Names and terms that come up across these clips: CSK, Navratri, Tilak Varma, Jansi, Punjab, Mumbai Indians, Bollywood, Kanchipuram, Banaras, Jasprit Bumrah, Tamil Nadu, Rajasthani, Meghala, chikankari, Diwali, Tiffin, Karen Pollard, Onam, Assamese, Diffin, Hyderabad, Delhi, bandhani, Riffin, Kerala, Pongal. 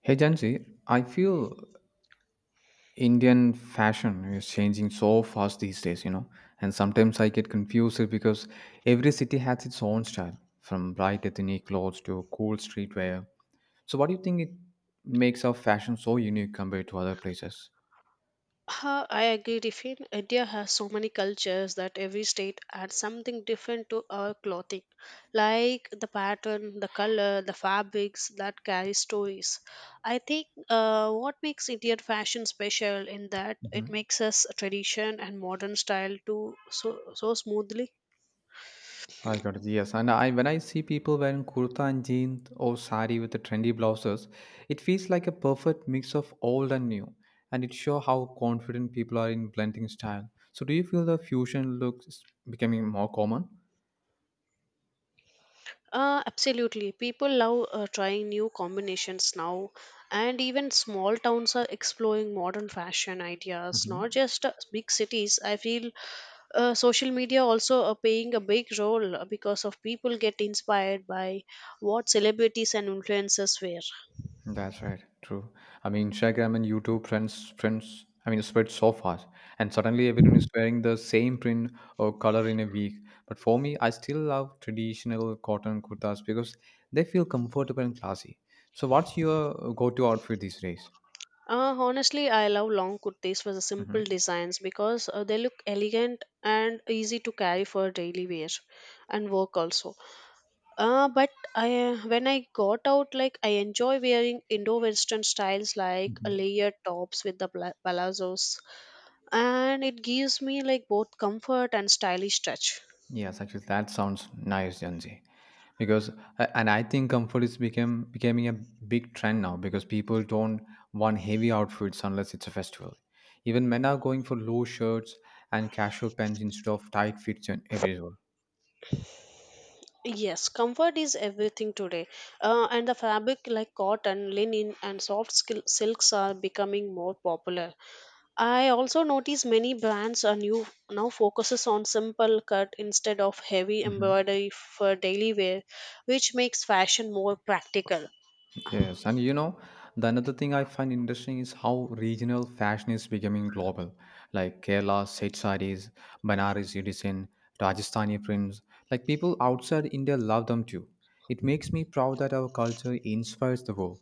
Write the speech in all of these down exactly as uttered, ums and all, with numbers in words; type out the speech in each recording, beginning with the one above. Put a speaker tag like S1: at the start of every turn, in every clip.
S1: Hey Jansi, I feel Indian fashion is changing so fast these days, you know, and sometimes I get confused because every city has its own style, from bright ethnic clothes to cool streetwear. So, what do you think it makes our fashion so unique compared to other places?
S2: Ha, I agree, Riffin. India has so many cultures that every state adds something different to our clothing, like the pattern, the color, the fabrics that carry stories. I think uh, what makes Indian fashion special in that it
S1: Mhm.
S2: makes us a tradition and modern style too so so smoothly.
S1: I got it. Yes, and I when I see people wearing kurta and jeans or sari with the trendy blouses, it feels like a perfect mix of old and new, and it shows how confident people are in blending style. So, do you feel the fusion looks becoming more common?
S2: Uh, absolutely. People love uh, trying new combinations now, and even small towns are exploring modern fashion ideas, not
S1: Hmm.
S2: just uh, big cities. I feel uh, social media also are playing a big role uh, because of people get inspired by what celebrities and influencers wear.
S1: That's right. True. I mean, Instagram and YouTube trends, trends. I mean, it spread so fast, and suddenly everyone is wearing the same print or color in a week. But for me, I still love traditional cotton kurtas because they feel comfortable and classy. So, what's your go-to outfit these days?
S2: Uh, honestly, I love long kurtis for the simple
S1: Hmm.
S2: designs because uh, they look elegant and easy to carry for daily wear and work also. Uh, but I when I got out, like I enjoy wearing Indo-Western styles like layered tops with the pla- palazzos, and it gives me like both comfort and stylish touch.
S1: Yes, actually, that sounds nice, Janji. Because a- and I think comfort is became becoming a big trend now because people don't want heavy outfits unless it's a festival. Even men are going for low shirts and casual pants instead of tight fits and everywhere.
S2: Yes, comfort is everything today, uh, and the fabric like cotton, linen, and soft sil- silks are becoming more popular. I also notice many brands are new now focuses on simple cut instead of heavy
S1: Mm-hmm.
S2: embroidery for daily wear, which makes fashion more practical.
S1: Yes, and you know, the another thing I find interesting is how regional fashion is becoming global. Like Kerala Seth sarees, Banaras Unison, Rajasthani prints. Like people outside India love them too. It makes me proud that our culture inspires the world.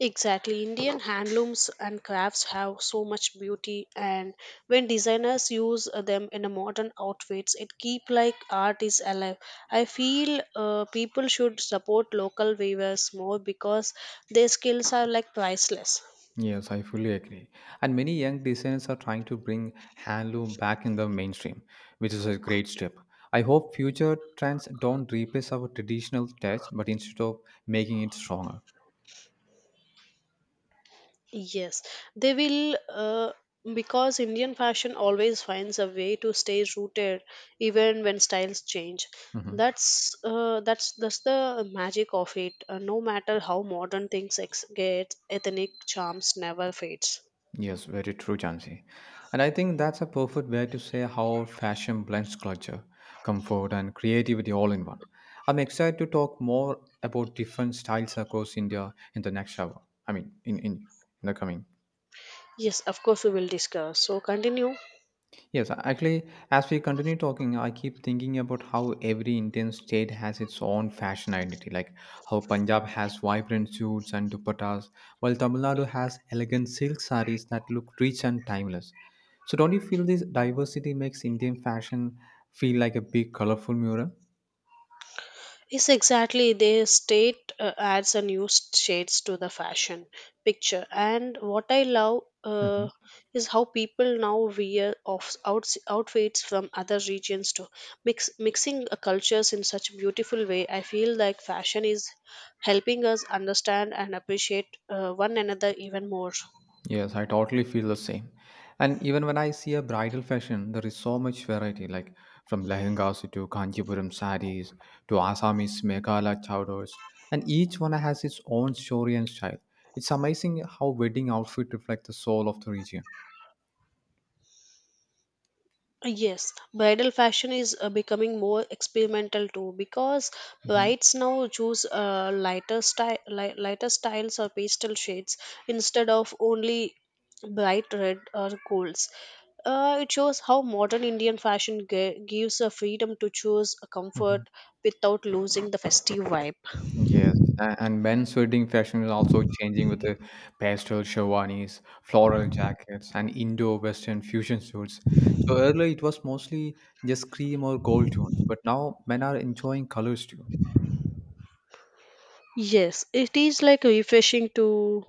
S2: Exactly. Indian handlooms and crafts have so much beauty and when designers use uh, them in a modern outfits it keep like art is alive. I feel uh, people should support local weavers more because their skills are like priceless.
S1: Yes, I fully agree. And many young designers are trying to bring handloom back in the mainstream, which is a great step. I hope future trends don't replace our traditional touch, but instead of making it stronger.
S2: Yes, they will uh, because Indian fashion always finds a way to stay rooted even when styles change.
S1: Mhm.
S2: That's uh, that's that's the magic of it. Uh, no matter how modern things ex- get, ethnic charms never fades.
S1: Yes, very true, Jansi. And I think that's a perfect way to say how fashion blends culture, comfort, and creativity all in one. I'm excited to talk more about different styles across India in the next hour. I mean, in, in, in the coming.
S2: Yes, of course we will discuss. So continue.
S1: Yes, actually, as we continue talking, I keep thinking about how every Indian state has its own fashion identity, like how Punjab has vibrant suits and dupattas, while Tamil Nadu has elegant silk sarees that look rich and timeless. So, don't you feel this diversity makes Indian fashion feel like a big, colorful mural?
S2: Yes, exactly. Their state uh, adds a new s- shades to the fashion picture. And what I love uh,
S1: Mm-hmm.
S2: is how people now wear off outs outfits from other regions too. Mix mixing uh, cultures in such a beautiful way. I feel like fashion is helping us understand and appreciate uh, one another even more.
S1: Yes, I totally feel the same. And even when I see a bridal fashion, there is so much variety, like from lehengas to Kanchipuram sarees to Assamese Meghala chadors, and each one has its own story and style. It's amazing how wedding outfit reflect the soul of the region.
S2: Yes, bridal fashion is uh, becoming more experimental too because
S1: Mhm.
S2: brides now choose uh, lighter style, li- lighter styles or pastel shades instead of only bright red or golds. Uh, it shows how modern Indian fashion gi- gives a freedom to choose a comfort
S1: Mhm.
S2: without losing the festive vibe.
S1: Yes, a- and men's wedding fashion is also changing with the pastel sherwanis, floral jackets, and Indo-Western fusion suits. So earlier it was mostly just cream or gold tones, but now men are enjoying colors too.
S2: Yes, it is like refreshing to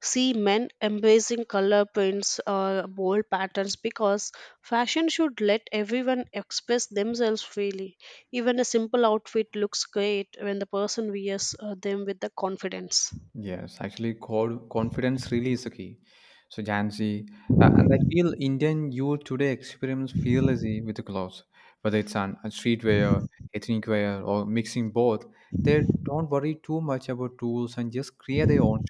S2: see men embracing color prints or bold patterns because fashion should let everyone express themselves freely. Even a simple outfit looks great when the person wears uh, them with the confidence.
S1: Yes, actually, called confidence really is the key. So Jansi, uh, and I feel Indian youth today experiments fearlessly with the clothes, whether it's on on streetwear, ethnic wear, or mixing both. They don't worry too much about tools and just create their own.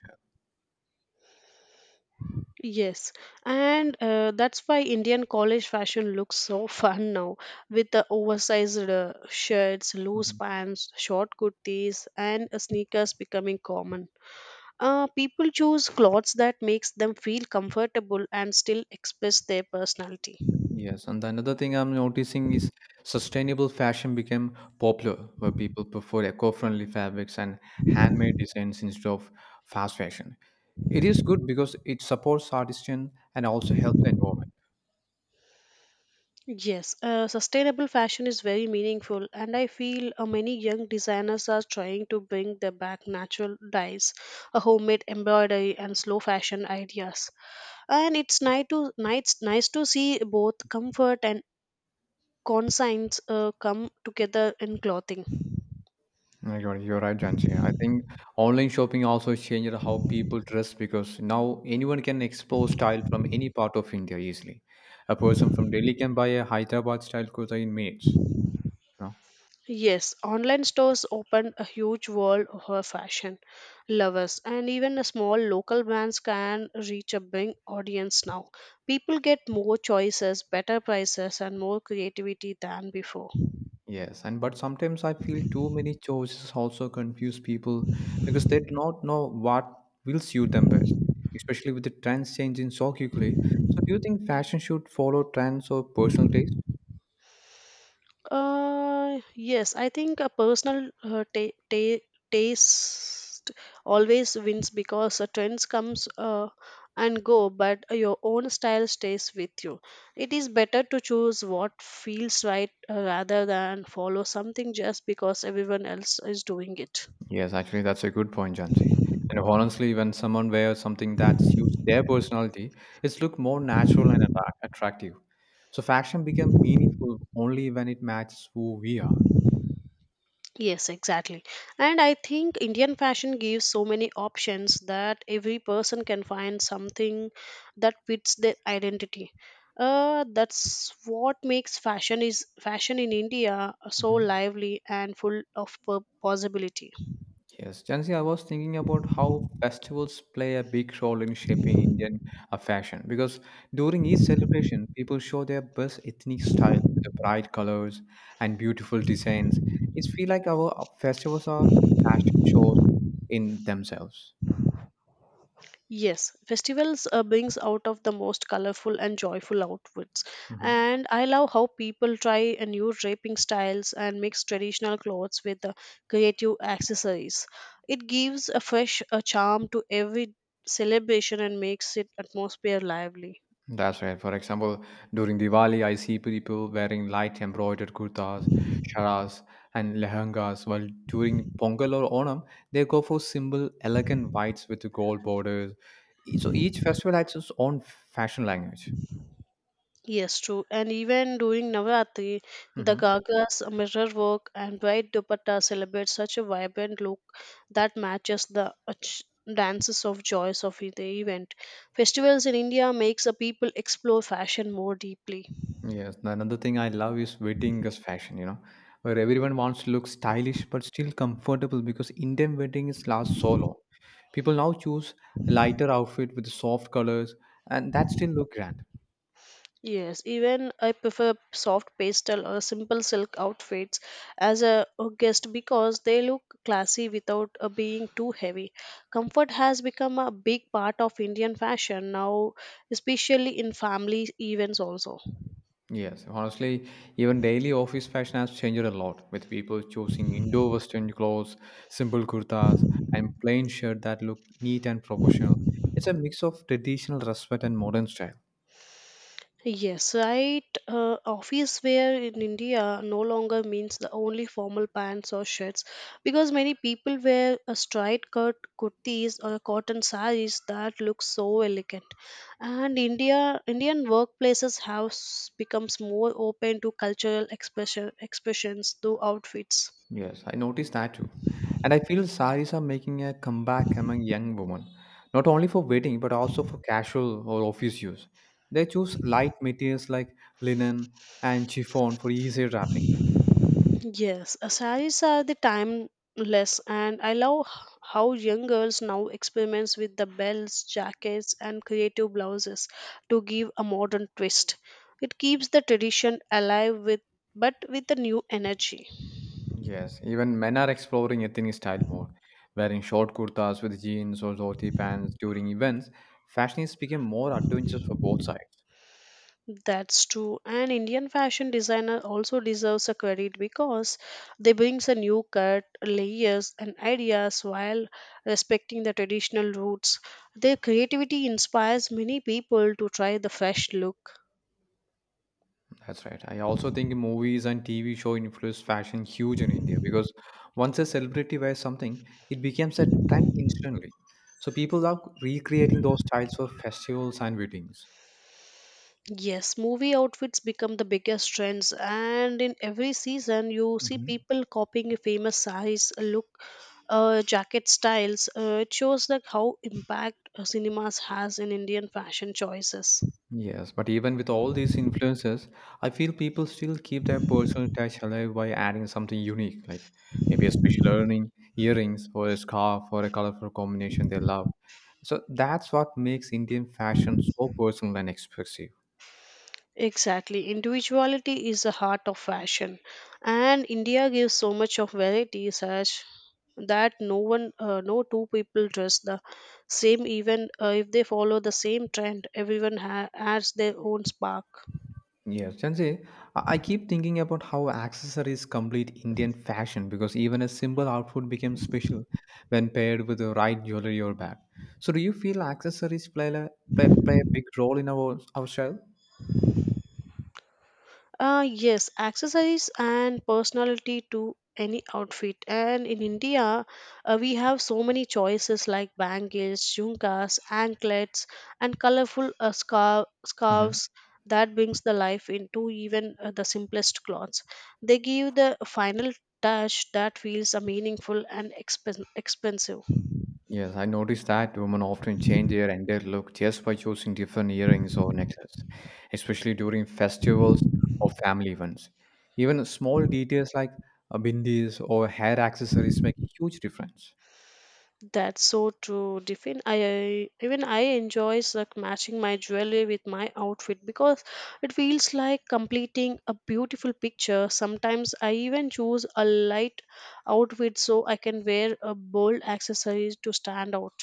S2: Yes, and uh, that's why Indian college fashion looks so fun now with the oversized uh, shirts, loose
S1: Mhm.
S2: pants, short kurtis, and uh, sneakers becoming common. Uh, people choose clothes that makes them feel comfortable and still express their personality.
S1: Yes, and another thing I'm noticing is sustainable fashion became popular, where people prefer eco-friendly fabrics and handmade designs instead of fast fashion. It is good because it supports artisan and also helps the environment.
S2: Yes, uh, sustainable fashion is very meaningful, and I feel uh, many young designers are trying to bring the back natural dyes, a homemade embroidery, and slow fashion ideas. And it's nice to nice, nice to see both comfort and conscience uh, come together in clothing.
S1: No, You're, you're right, Jansi. I think online shopping also changed how people dress because now anyone can explore style from any part of India easily. A person from Delhi can buy a Hyderabad style kurta in minutes.
S2: Yes, online stores opened a huge world for fashion lovers, and even a small local brands can reach a big audience now. People get more choices, better prices, and more creativity than before.
S1: Yes, and but sometimes I feel too many choices also confuse people because they do not know what will suit them best, especially with the trends changing so quickly. So, do you think fashion should follow trends or personal taste?
S2: Uh, yes, I think a personal uh, ta ta taste always wins because uh, trends comes uh, and go, but your own style stays with you. It is better to choose what feels right uh, rather than follow something just because everyone else is doing it.
S1: Yes, actually, that's a good point, Janji. And honestly, when someone wears something that suits their personality, it's look more natural and attract- attractive. So, fashion become meaningful only when it matches who we are.
S2: Yes, exactly. And I think Indian fashion gives so many options that every person can find something that fits their identity. Uh, that's what makes fashion is fashion in India so
S1: Mhm.
S2: lively and full of po- possibility.
S1: Yes, Jansi, I was thinking about how festivals play a big role in shaping Indian uh, fashion because during each celebration, people show their best ethnic style with the bright colors and beautiful designs. It feels like our uh, festivals are fashion shows in themselves.
S2: Yes, festivals uh, brings out of the most colorful and joyful outfits. And I love how people try a new draping styles and mix traditional clothes with the creative accessories. It gives a fresh a charm to every celebration and makes it atmosphere lively.
S1: That's right. For example, during Diwali, I see people wearing light embroidered kurtas, sharas, and lehengas, while during Pongal or Onam, they go for simple, elegant whites with gold borders. E- So each festival has its own fashion language.
S2: Yes, true. And even during Navratri, the
S1: Hmm.
S2: Gagas, mirror work, and white dupatta celebrate such a vibrant look that matches the ach- dances of joys of the event. Festivals in India makes a people explore fashion more deeply.
S1: Yes, the another thing I love is wedding as fashion, you know, where everyone wants to look stylish but still comfortable because Indian wedding is last so long. People now choose a lighter outfit with soft colors and that still look grand.
S2: Yes, even I prefer soft pastel or simple silk outfits as a guest because they look classy without uh, being too heavy. Comfort has become a big part of Indian fashion now, especially in family events also.
S1: Yes, honestly, even daily office fashion has changed a lot, with people choosing Indo Western clothes, simple kurtas, and plain shirt that look neat and professional. It's a mix of traditional respect and modern style.
S2: Yes, right. Uh, office wear in India no longer means the only formal pants or shirts because many people wear a straight cut kurtis or cotton saris that look so elegant. And India Indian workplaces have s- becomes more open to cultural expression expressions through outfits.
S1: Yes, I noticed that too. And I feel saris are making a comeback among young women, not only for wedding but also for casual or office use. They choose light materials like linen and chiffon for easier wrapping.
S2: Yes, uh, saris are the timeless, and I love h- how young girls now experiments with the belts, jackets, and creative blouses to give a modern twist. It keeps the tradition alive with, but with a new energy.
S1: Yes, even men are exploring ethnic style more, wearing short kurtas with jeans or dhoti pants during events. Fashion is becoming more adventurous for both sides.
S2: That's true. And Indian fashion designer also deserves a credit because they brings a new cut, layers and ideas while respecting the traditional roots. Their creativity inspires many people to try the fresh look.
S1: That's right. I also think movies and T V show influence fashion huge in India because once a celebrity wears something, it becomes a trend instantly. So people are recreating those styles for festivals and weddings.
S2: Yes, movie outfits become the biggest trends and in every season you see people copying a famous size look uh, jacket styles. Uh, it shows like how impact uh, cinemas has in Indian fashion choices.
S1: Yes, but even with all these influences, I feel people still keep their personal touch alive by adding something unique, like maybe a special earning, earrings, or a scarf, or a colorful combination they love. So that's what makes Indian fashion so personal and expressive.
S2: Exactly. Individuality is the heart of fashion. And India gives so much of variety such that no one uh, no two people dress the same even uh, if they follow the same trend everyone ha- adds their own spark.
S1: Yes, Chansi, I I keep thinking about how accessories complete Indian fashion because even a simple outfit becomes special when paired with the right jewelry or bag. So, do you feel accessories play a, play, play a big role in our, our style?
S2: Uh, yes, accessories and personality to any outfit. And in India, uh, we have so many choices like bangles, jhumkas, anklets, and colorful uh, scar- scarves that brings the life into even uh, the simplest clothes. They give the final touch that feels uh, meaningful and expen- expensive.
S1: Yes, I noticed that women often change their entire look just by choosing different earrings or necklaces, especially during festivals or family events. Even small details like uh, bindis or hair accessories make a huge difference.
S2: That's so true, Diffin. I even I enjoy like matching my jewelry with my outfit because it feels like completing a beautiful picture. Sometimes I even choose a light outfit so I can wear a bold accessories to stand out.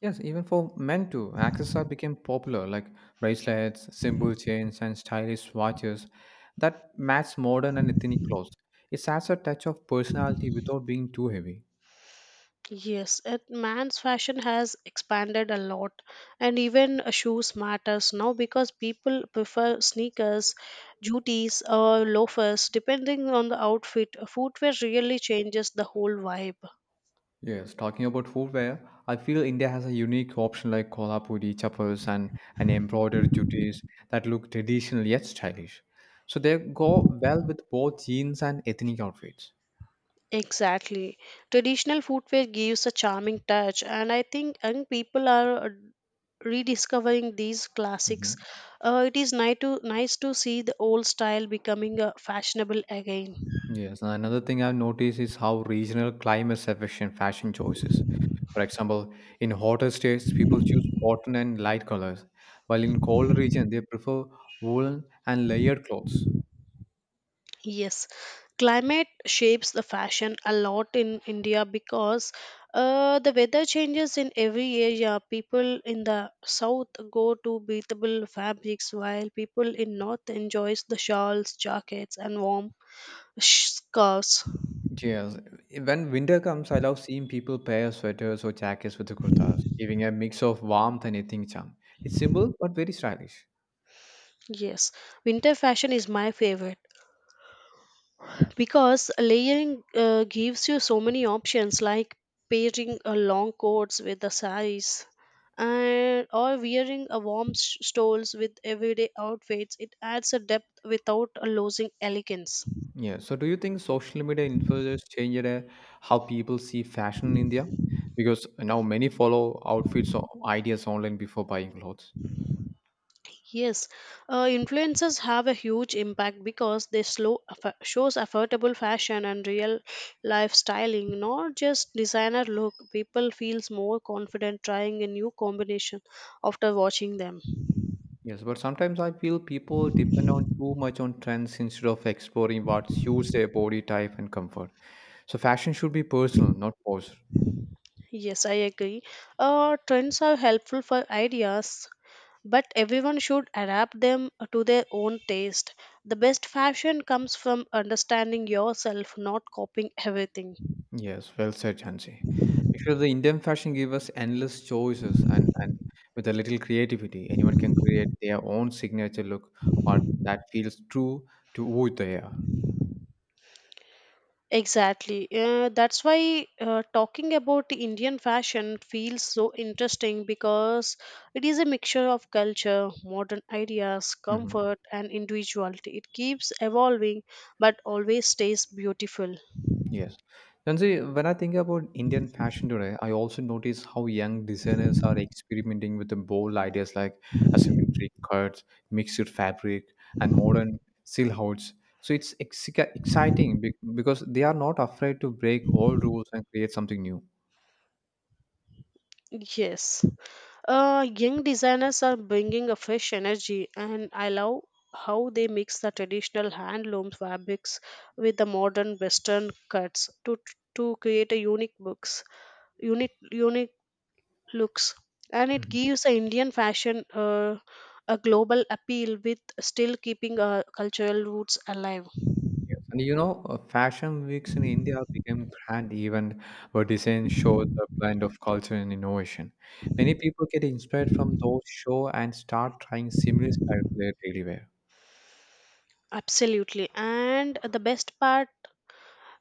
S1: Yes, even for men too, accessories became popular like bracelets, symbol chains, and stylish watches that match modern and ethnic clothes. It adds a touch of personality without being too heavy.
S2: Yes, it, man's fashion has expanded a lot, and even uh, shoes matters now because people prefer sneakers, jooties, or loafers depending on the outfit. Footwear really changes the whole vibe.
S1: Yes, talking about footwear, I feel India has a unique option like kolhapuri chappals and, and embroidered juttis that look traditional yet stylish. So they go well with both jeans and ethnic outfits.
S2: Exactly, traditional footwear gives a charming touch, and I think young people are uh, rediscovering these classics.
S1: Hmm.
S2: Uh, it is nice to nice to see the old style becoming uh, fashionable again.
S1: Yes, and another thing I've noticed is how regional climates affect fashion choices. For example, in hotter states, people choose cotton and light colors, while in cold region, they prefer woolen and layered clothes.
S2: Yes, climate shapes the fashion a lot in India because uh, the weather changes in every area. People in the south go to breathable fabrics, while people in north enjoys the shawls, jackets, and warm sh- scarves.
S1: Yes, when winter comes, I love seeing people pair sweaters or jackets with the kurtas, giving a mix of warmth and ethnic charm. It's simple but very stylish.
S2: Yes, winter fashion is my favorite, because layering uh, gives you so many options like pairing a long coats with the saris and or wearing a warm sh- stoles with everyday outfits. It adds a depth without uh, losing elegance.
S1: Yeah. So, do you think social media influencers changed uh, how people see fashion in India? Because now many follow outfits or ideas online before buying clothes.
S2: Yes, uh, influencers have a huge impact because they slow affo- shows affordable fashion and real life styling, not just designer look. People feels more confident trying a new combination after watching them.
S1: Yes, but sometimes I feel people depend on too much on trends instead of exploring what suits their body type and comfort. So, fashion should be personal, not forced.
S2: Yes, I agree. Uh, trends are helpful for ideas, but everyone should adapt them to their own taste. The best fashion comes from understanding yourself, not copying everything.
S1: Yes, well said, Jansi. Actually, the Indian fashion gives us endless choices, and, and with a little creativity, anyone can create their own signature look, what that feels true to who they are.
S2: Exactly. Uh, that's why uh, talking about the Indian fashion feels so interesting because it is a mixture of culture, modern ideas,
S1: Hmm.
S2: comfort, and individuality. It keeps evolving but always stays beautiful.
S1: Yes, Jansi. When I think about Indian fashion today, I also notice how young designers are experimenting with the bold ideas like asymmetric cuts, mixed fabric, and modern silhouettes. So it's ex- exciting be- because they are not afraid to break all rules and create something new.
S2: Yes. Uh, young designers are bringing a fresh energy, and I love how they mix the traditional handloom fabrics with the modern Western cuts to to create a unique books, unique unique looks, and it
S1: Mhm.
S2: gives the Indian fashion uh, a global appeal with still keeping our cultural roots alive.
S1: Yes. And you know, uh, fashion weeks in India became grand event where design showed the blend of culture and innovation. Many people get inspired from those show and start trying similar style for their daily wear.
S2: Absolutely, and the best part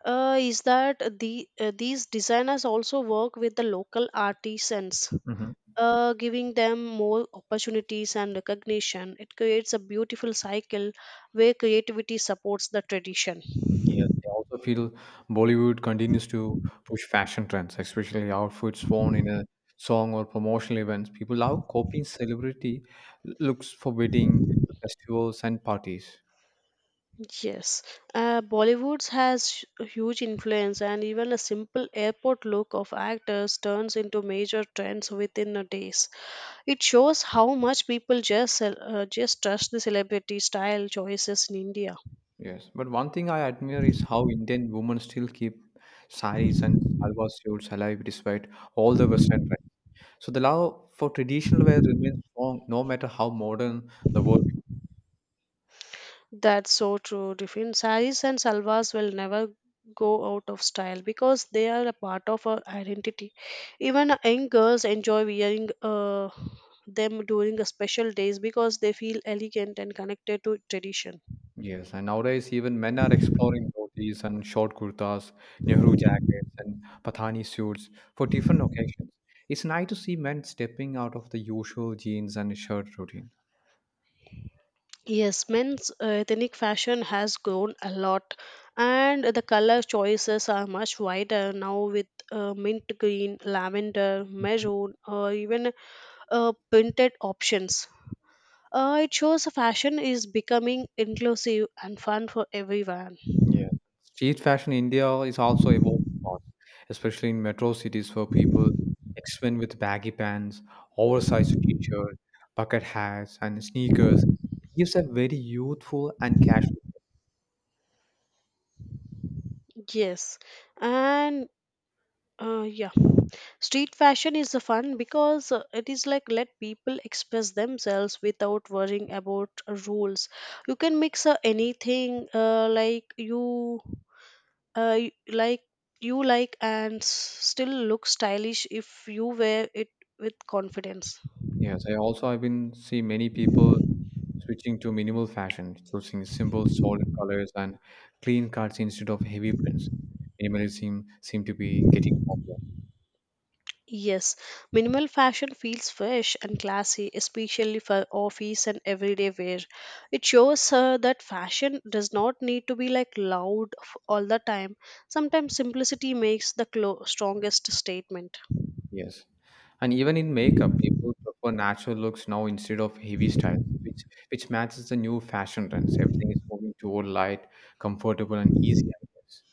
S2: uh, is that the uh, these designers also work with the local artisans,
S1: Mhm.
S2: uh, giving them more opportunities and recognition. It creates a beautiful cycle where creativity supports the tradition.
S1: Yes, I also feel Bollywood continues to push fashion trends, especially outfits worn in a song or promotional events. People love copying celebrity looks for wedding, festivals, and parties.
S2: Yes, uh, Bollywood has sh- a huge influence, and even a simple airport look of actors turns into major trends within a days. It shows how much people just cel- uh, just trust the celebrity style choices in India.
S1: Yes, but one thing I admire is how Indian women still keep saris and salwar suits alive despite all the Western trends. So the love for traditional wear remains strong, no matter how modern the world.
S2: That's so true, Diffin. Saris and salvas will never go out of style because they are a part of our identity. Even young girls enjoy wearing uh, them during a special days because they feel elegant and connected to tradition.
S1: Yes, and nowadays even men are exploring dhotis and short kurtas, Nehru jackets, and Pathani suits for different occasions. It's nice to see men stepping out of the usual jeans and shirt routine.
S2: Yes, men's uh, ethnic fashion has grown a lot, and the color choices are much wider now with uh, mint green, lavender, maroon, or even uh, printed options. Uh, it shows fashion is becoming inclusive and fun for everyone.
S1: Yeah. Street fashion in India is also evolving fast, especially in metro cities where people experiment with baggy pants, oversized t-shirt, bucket hats, and sneakers. It gives a very youthful and casual.
S2: Yes, and uh, yeah, street fashion is uh, fun because uh, it is like let people express themselves without worrying about uh, rules. You can mix uh, anything uh, like you uh, y- like you like and s- still look stylish if you wear it with confidence.
S1: Yes, I also have been see many people Switching to minimal fashion, choosing simple, solid colors and clean cuts instead of heavy prints. Minimalism seem to be getting popular.
S2: Yes, minimal fashion feels fresh and classy, especially for office and everyday wear. It shows her that fashion does not need to be like loud f- all the time. Sometimes simplicity makes the clo- strongest statement.
S1: Yes. And even in makeup, people prefer natural looks now instead of heavy styles, which which matches the new fashion trends. Everything is moving toward light, comfortable, and easy, I guess.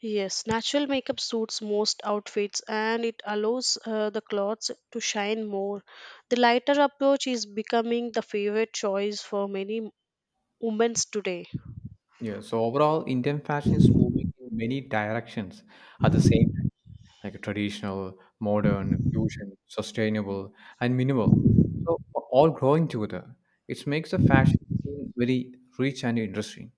S2: Yes, natural makeup suits most outfits and it allows uh, the clothes to shine more. The lighter approach is becoming the favorite choice for many women today.
S1: Yeah. So overall, Indian fashion is moving in many directions at the same like a traditional, modern, fusion, sustainable, and minimal. So all growing together, it makes the fashion scene very rich and interesting.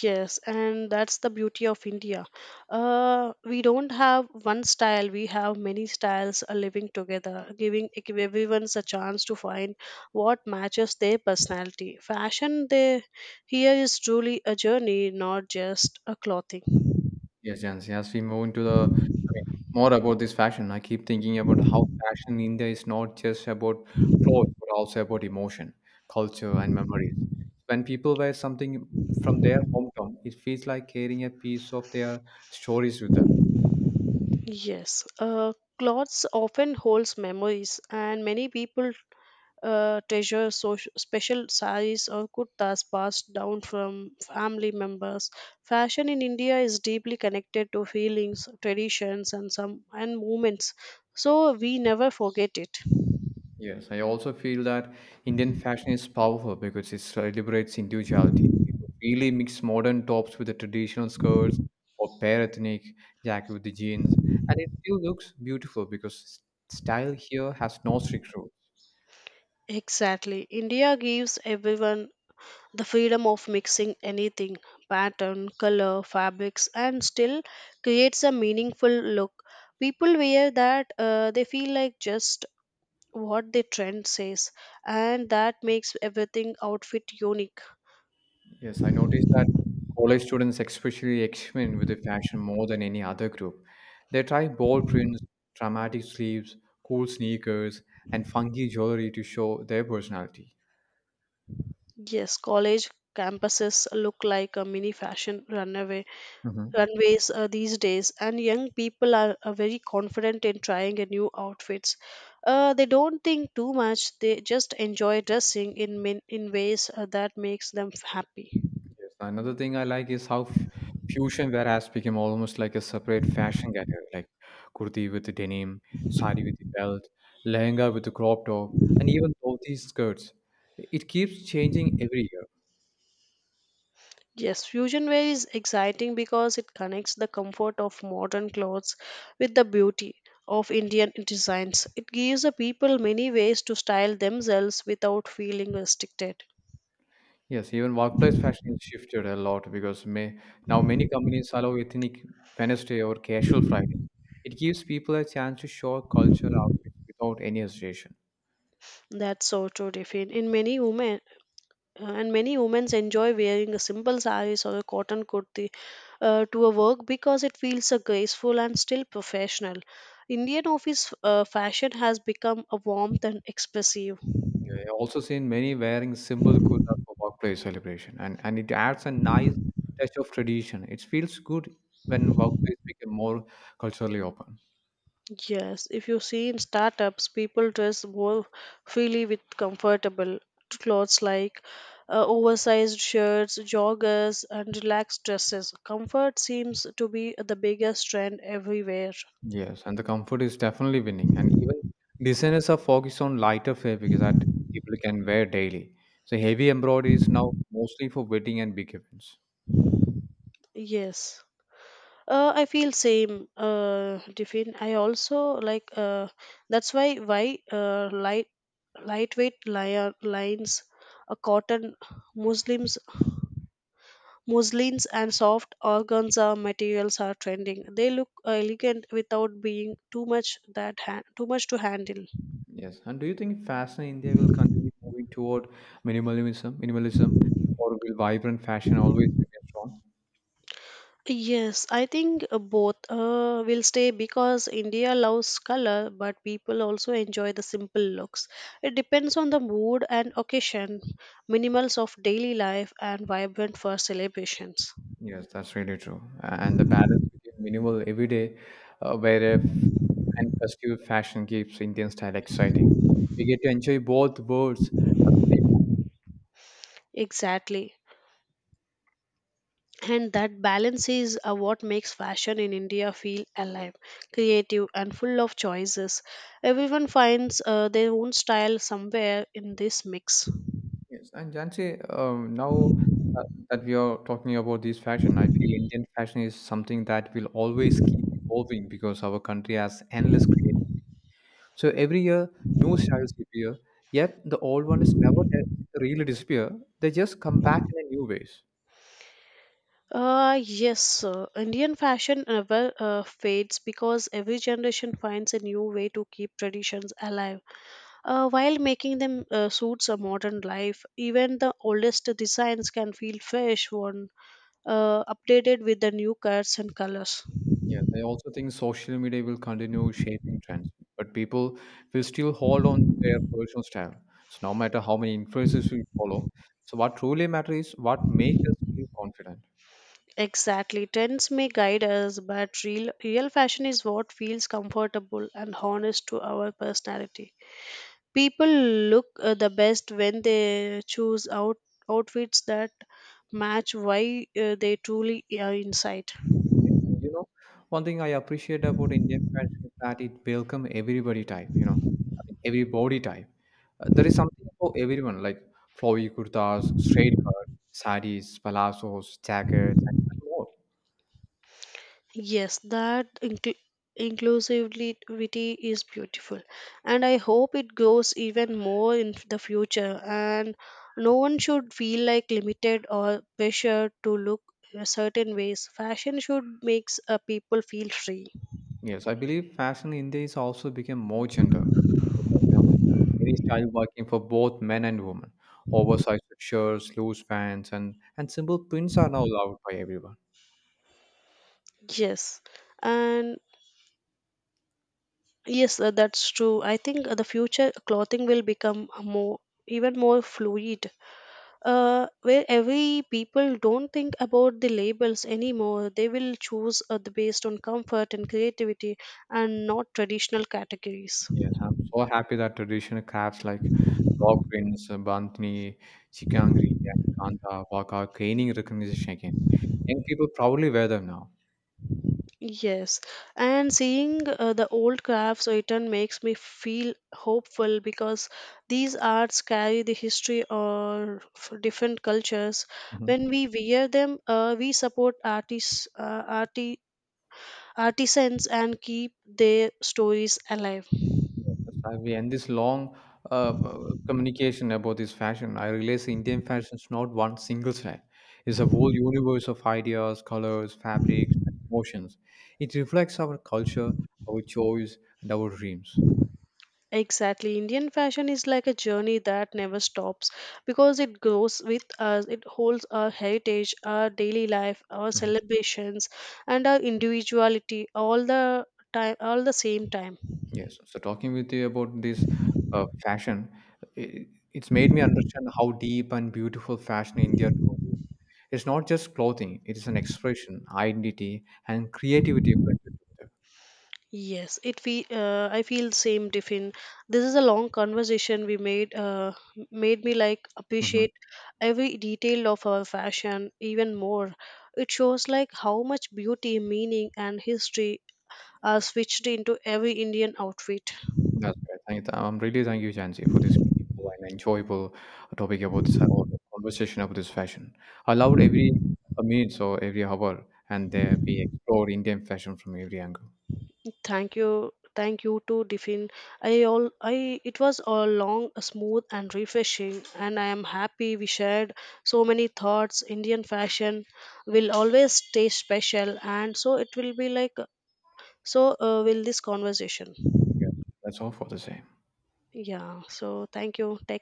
S2: Yes, and that's the beauty of India. Uh, we don't have one style, we have many styles uh, living together, giving ev- everyone's a chance to find what matches their personality. Fashion they, here is truly a journey, not just a clothing.
S1: Yes, Jansi, as we move into the I mean, more about this fashion, I keep thinking about how fashion in India is not just about clothes, but also about emotion, culture, and memories. When people wear something from their hometown, it feels like carrying a piece of their stories with them.
S2: Yes, uh, clothes often holds memories, and many people uh, treasure social, special saris or kurtas passed down from family members. Fashion in India is deeply connected to feelings, traditions, and some and movements, so we never forget it.
S1: Yes, I also feel that Indian fashion is powerful because it celebrates individuality. People really mix modern tops with the traditional skirts or pair ethnic jacket with the jeans, and it still looks beautiful because s- style here has no strict rules.
S2: Exactly, India gives everyone the freedom of mixing anything pattern color fabrics and still creates a meaningful look people wear that uh, they feel like just what the trend says, and that makes everything outfit unique.
S1: Yes, I noticed that college students especially experiment with the fashion more than any other group. They try bold prints, dramatic sleeves, cool sneakers, and funky jewelry to show their personality.
S2: Yes, college campuses look like a mini fashion runway
S1: Mm-hmm.
S2: runways uh, these days, and young people are, are very confident in trying a new outfits. Uh, they don't think too much, they just enjoy dressing in min- in ways uh, that makes them happy.
S1: Yes. Another thing I like is how f- fusion whereas became almost like a separate fashion category, like kurti with the denim, sari with the belt, lehenga with the crop top, and even dhoti skirts. It keeps changing every year.
S2: Yes, fusion wear is exciting because it connects the comfort of modern clothes with the beauty of Indian designs. It gives the people many ways to style themselves without feeling restricted.
S1: Yes, even workplace fashion has shifted a lot because may, now many companies allow ethnic Wednesday or casual Friday. It gives people a chance to show cultural outfits without any hesitation.
S2: That's so true, Tiffin. In many women uh, and many women enjoy wearing a simple saris or a cotton kurti uh, to a work because it feels uh, graceful and still professional. Indian office uh, fashion has become a warmth and expressive.
S1: Yeah, I also seen many wearing simple kurta for workplace celebration, and, and it adds a nice touch of tradition. It feels good when workplace become more culturally open.
S2: Yes, if you see in startups, people dress more freely with comfortable clothes like uh, oversized shirts, joggers, and relaxed dresses. Comfort seems to be the biggest trend everywhere.
S1: Yes, and the comfort is definitely winning. And even designers are focused on lighter fabrics that people can wear daily. So heavy embroidery is now mostly for wedding and big events.
S2: Yes. Uh, I feel same, uh, Tiffin. I also like uh, that's why why uh, light lightweight li- lines, a cotton Muslims Muslins and soft organza materials are trending. They look elegant without being too much that ha- too much to handle.
S1: Yes, and do you think fashion in India will continue moving toward minimalism, minimalism, or will vibrant fashion always remain strong?
S2: Yes, I think uh, both uh, will stay because India loves color, but people also enjoy the simple looks. It depends on the mood and occasion, minimals of daily life, and vibrant for celebrations.
S1: Yes, that's really true. And the balance between minimal everyday uh, wear and festive fashion keeps Indian style exciting. We get to enjoy both worlds at the same time.
S2: Exactly. And that balance is uh, what makes fashion in India feel alive, creative, and full of choices. Everyone finds uh, their own style somewhere in this mix.
S1: Yes, and Jansi, um, now uh, that we are talking about this fashion, I feel Indian fashion is something that will always keep evolving because our country has endless creativity. So every year, new styles appear, yet the old one is never de- really disappear. They just come back in a new ways.
S2: Uh, yes, uh, Indian fashion never uh, fades because every generation finds a new way to keep traditions alive uh, while making them uh, suits a modern life. Even the oldest designs can feel fresh when uh, updated with the new cuts and colors.
S1: Yes, I also think social media will continue shaping trends, but people will still hold on their personal style. So no matter how many influences we follow, so what truly matters is what makes us feel confident.
S2: Exactly. Trends may guide us, but real real fashion is what feels comfortable and honest to our personality. People look uh, the best when they choose out outfits that match why uh, they truly are inside.
S1: Yes. And you know, one thing I appreciate about Indian fashion is that it welcomes everybody type, you know, I mean, every body type. Uh, there is something for everyone, like flowy kurtas, straight cut, saris, palazzos, jackets, and more.
S2: Yes, that inclu- inclusivity is beautiful, and I hope it grows even more in the future. And no one should feel like limited or pressured to look a certain ways. Fashion should makes uh, people feel free.
S1: Yes, I believe fashion in India is also become more gender. Neutral, You know, many style working for both men and women. Oversized shirts, loose pants, and and simple prints are now loved by everyone.
S2: Yes, and yes, uh, that's true. I think uh, the future clothing will become more even more fluid uh, where every people don't think about the labels anymore, they will choose uh, the based on comfort and creativity and not traditional categories.
S1: Yes, I'm so happy that traditional crafts like rock prints, uh, bandhani, chikangri, and kanta work are gaining recognition again. Young people proudly wear them now.
S2: Yes, and seeing uh, the old crafts written makes me feel hopeful because these arts carry the history or f- different cultures. When
S1: Mhm.
S2: we wear them uh, we support artists uh, arti- artisans and keep their stories alive.
S1: Yes, I agree. And this long uh, communication about this fashion, I realize Indian fashion is not one single style. It's a whole universe of ideas, colors, fabrics, and emotions. It reflects our culture, our choice, and our dreams.
S2: Exactly. Indian fashion is like a journey that never stops because it grows with us, it holds our heritage, our daily life, our
S1: Mhm.
S2: celebrations, and our individuality all the time, all the same time.
S1: Yes. So talking with you about this uh, fashion, it, it's made me understand how deep and beautiful fashion in India truly is. It's not just clothing; it is an expression, identity, and creativity blended together.
S2: Yes, it fe- uh, I feel same different. This is a long conversation we made uh, made me like
S1: Mhm.
S2: appreciate every detail of our fashion even more. It shows like how much beauty, meaning and history uh, switched into every Indian outfit.
S1: That's right. Thank you. I'm really thank you, Jansi, for this meaningful and enjoyable topic about this uh, or conversation about this fashion. I loved every uh, minute or every hour, and there we explored Indian fashion from every angle.
S2: Thank you, thank you to Diffin. I all I it was all long, smooth, and refreshing, and I am happy we shared so many thoughts. Indian fashion will always stay special, and so it will be like so. Uh, will this conversation?
S1: Yeah, that's all for the same.
S2: Yeah. So thank you. Take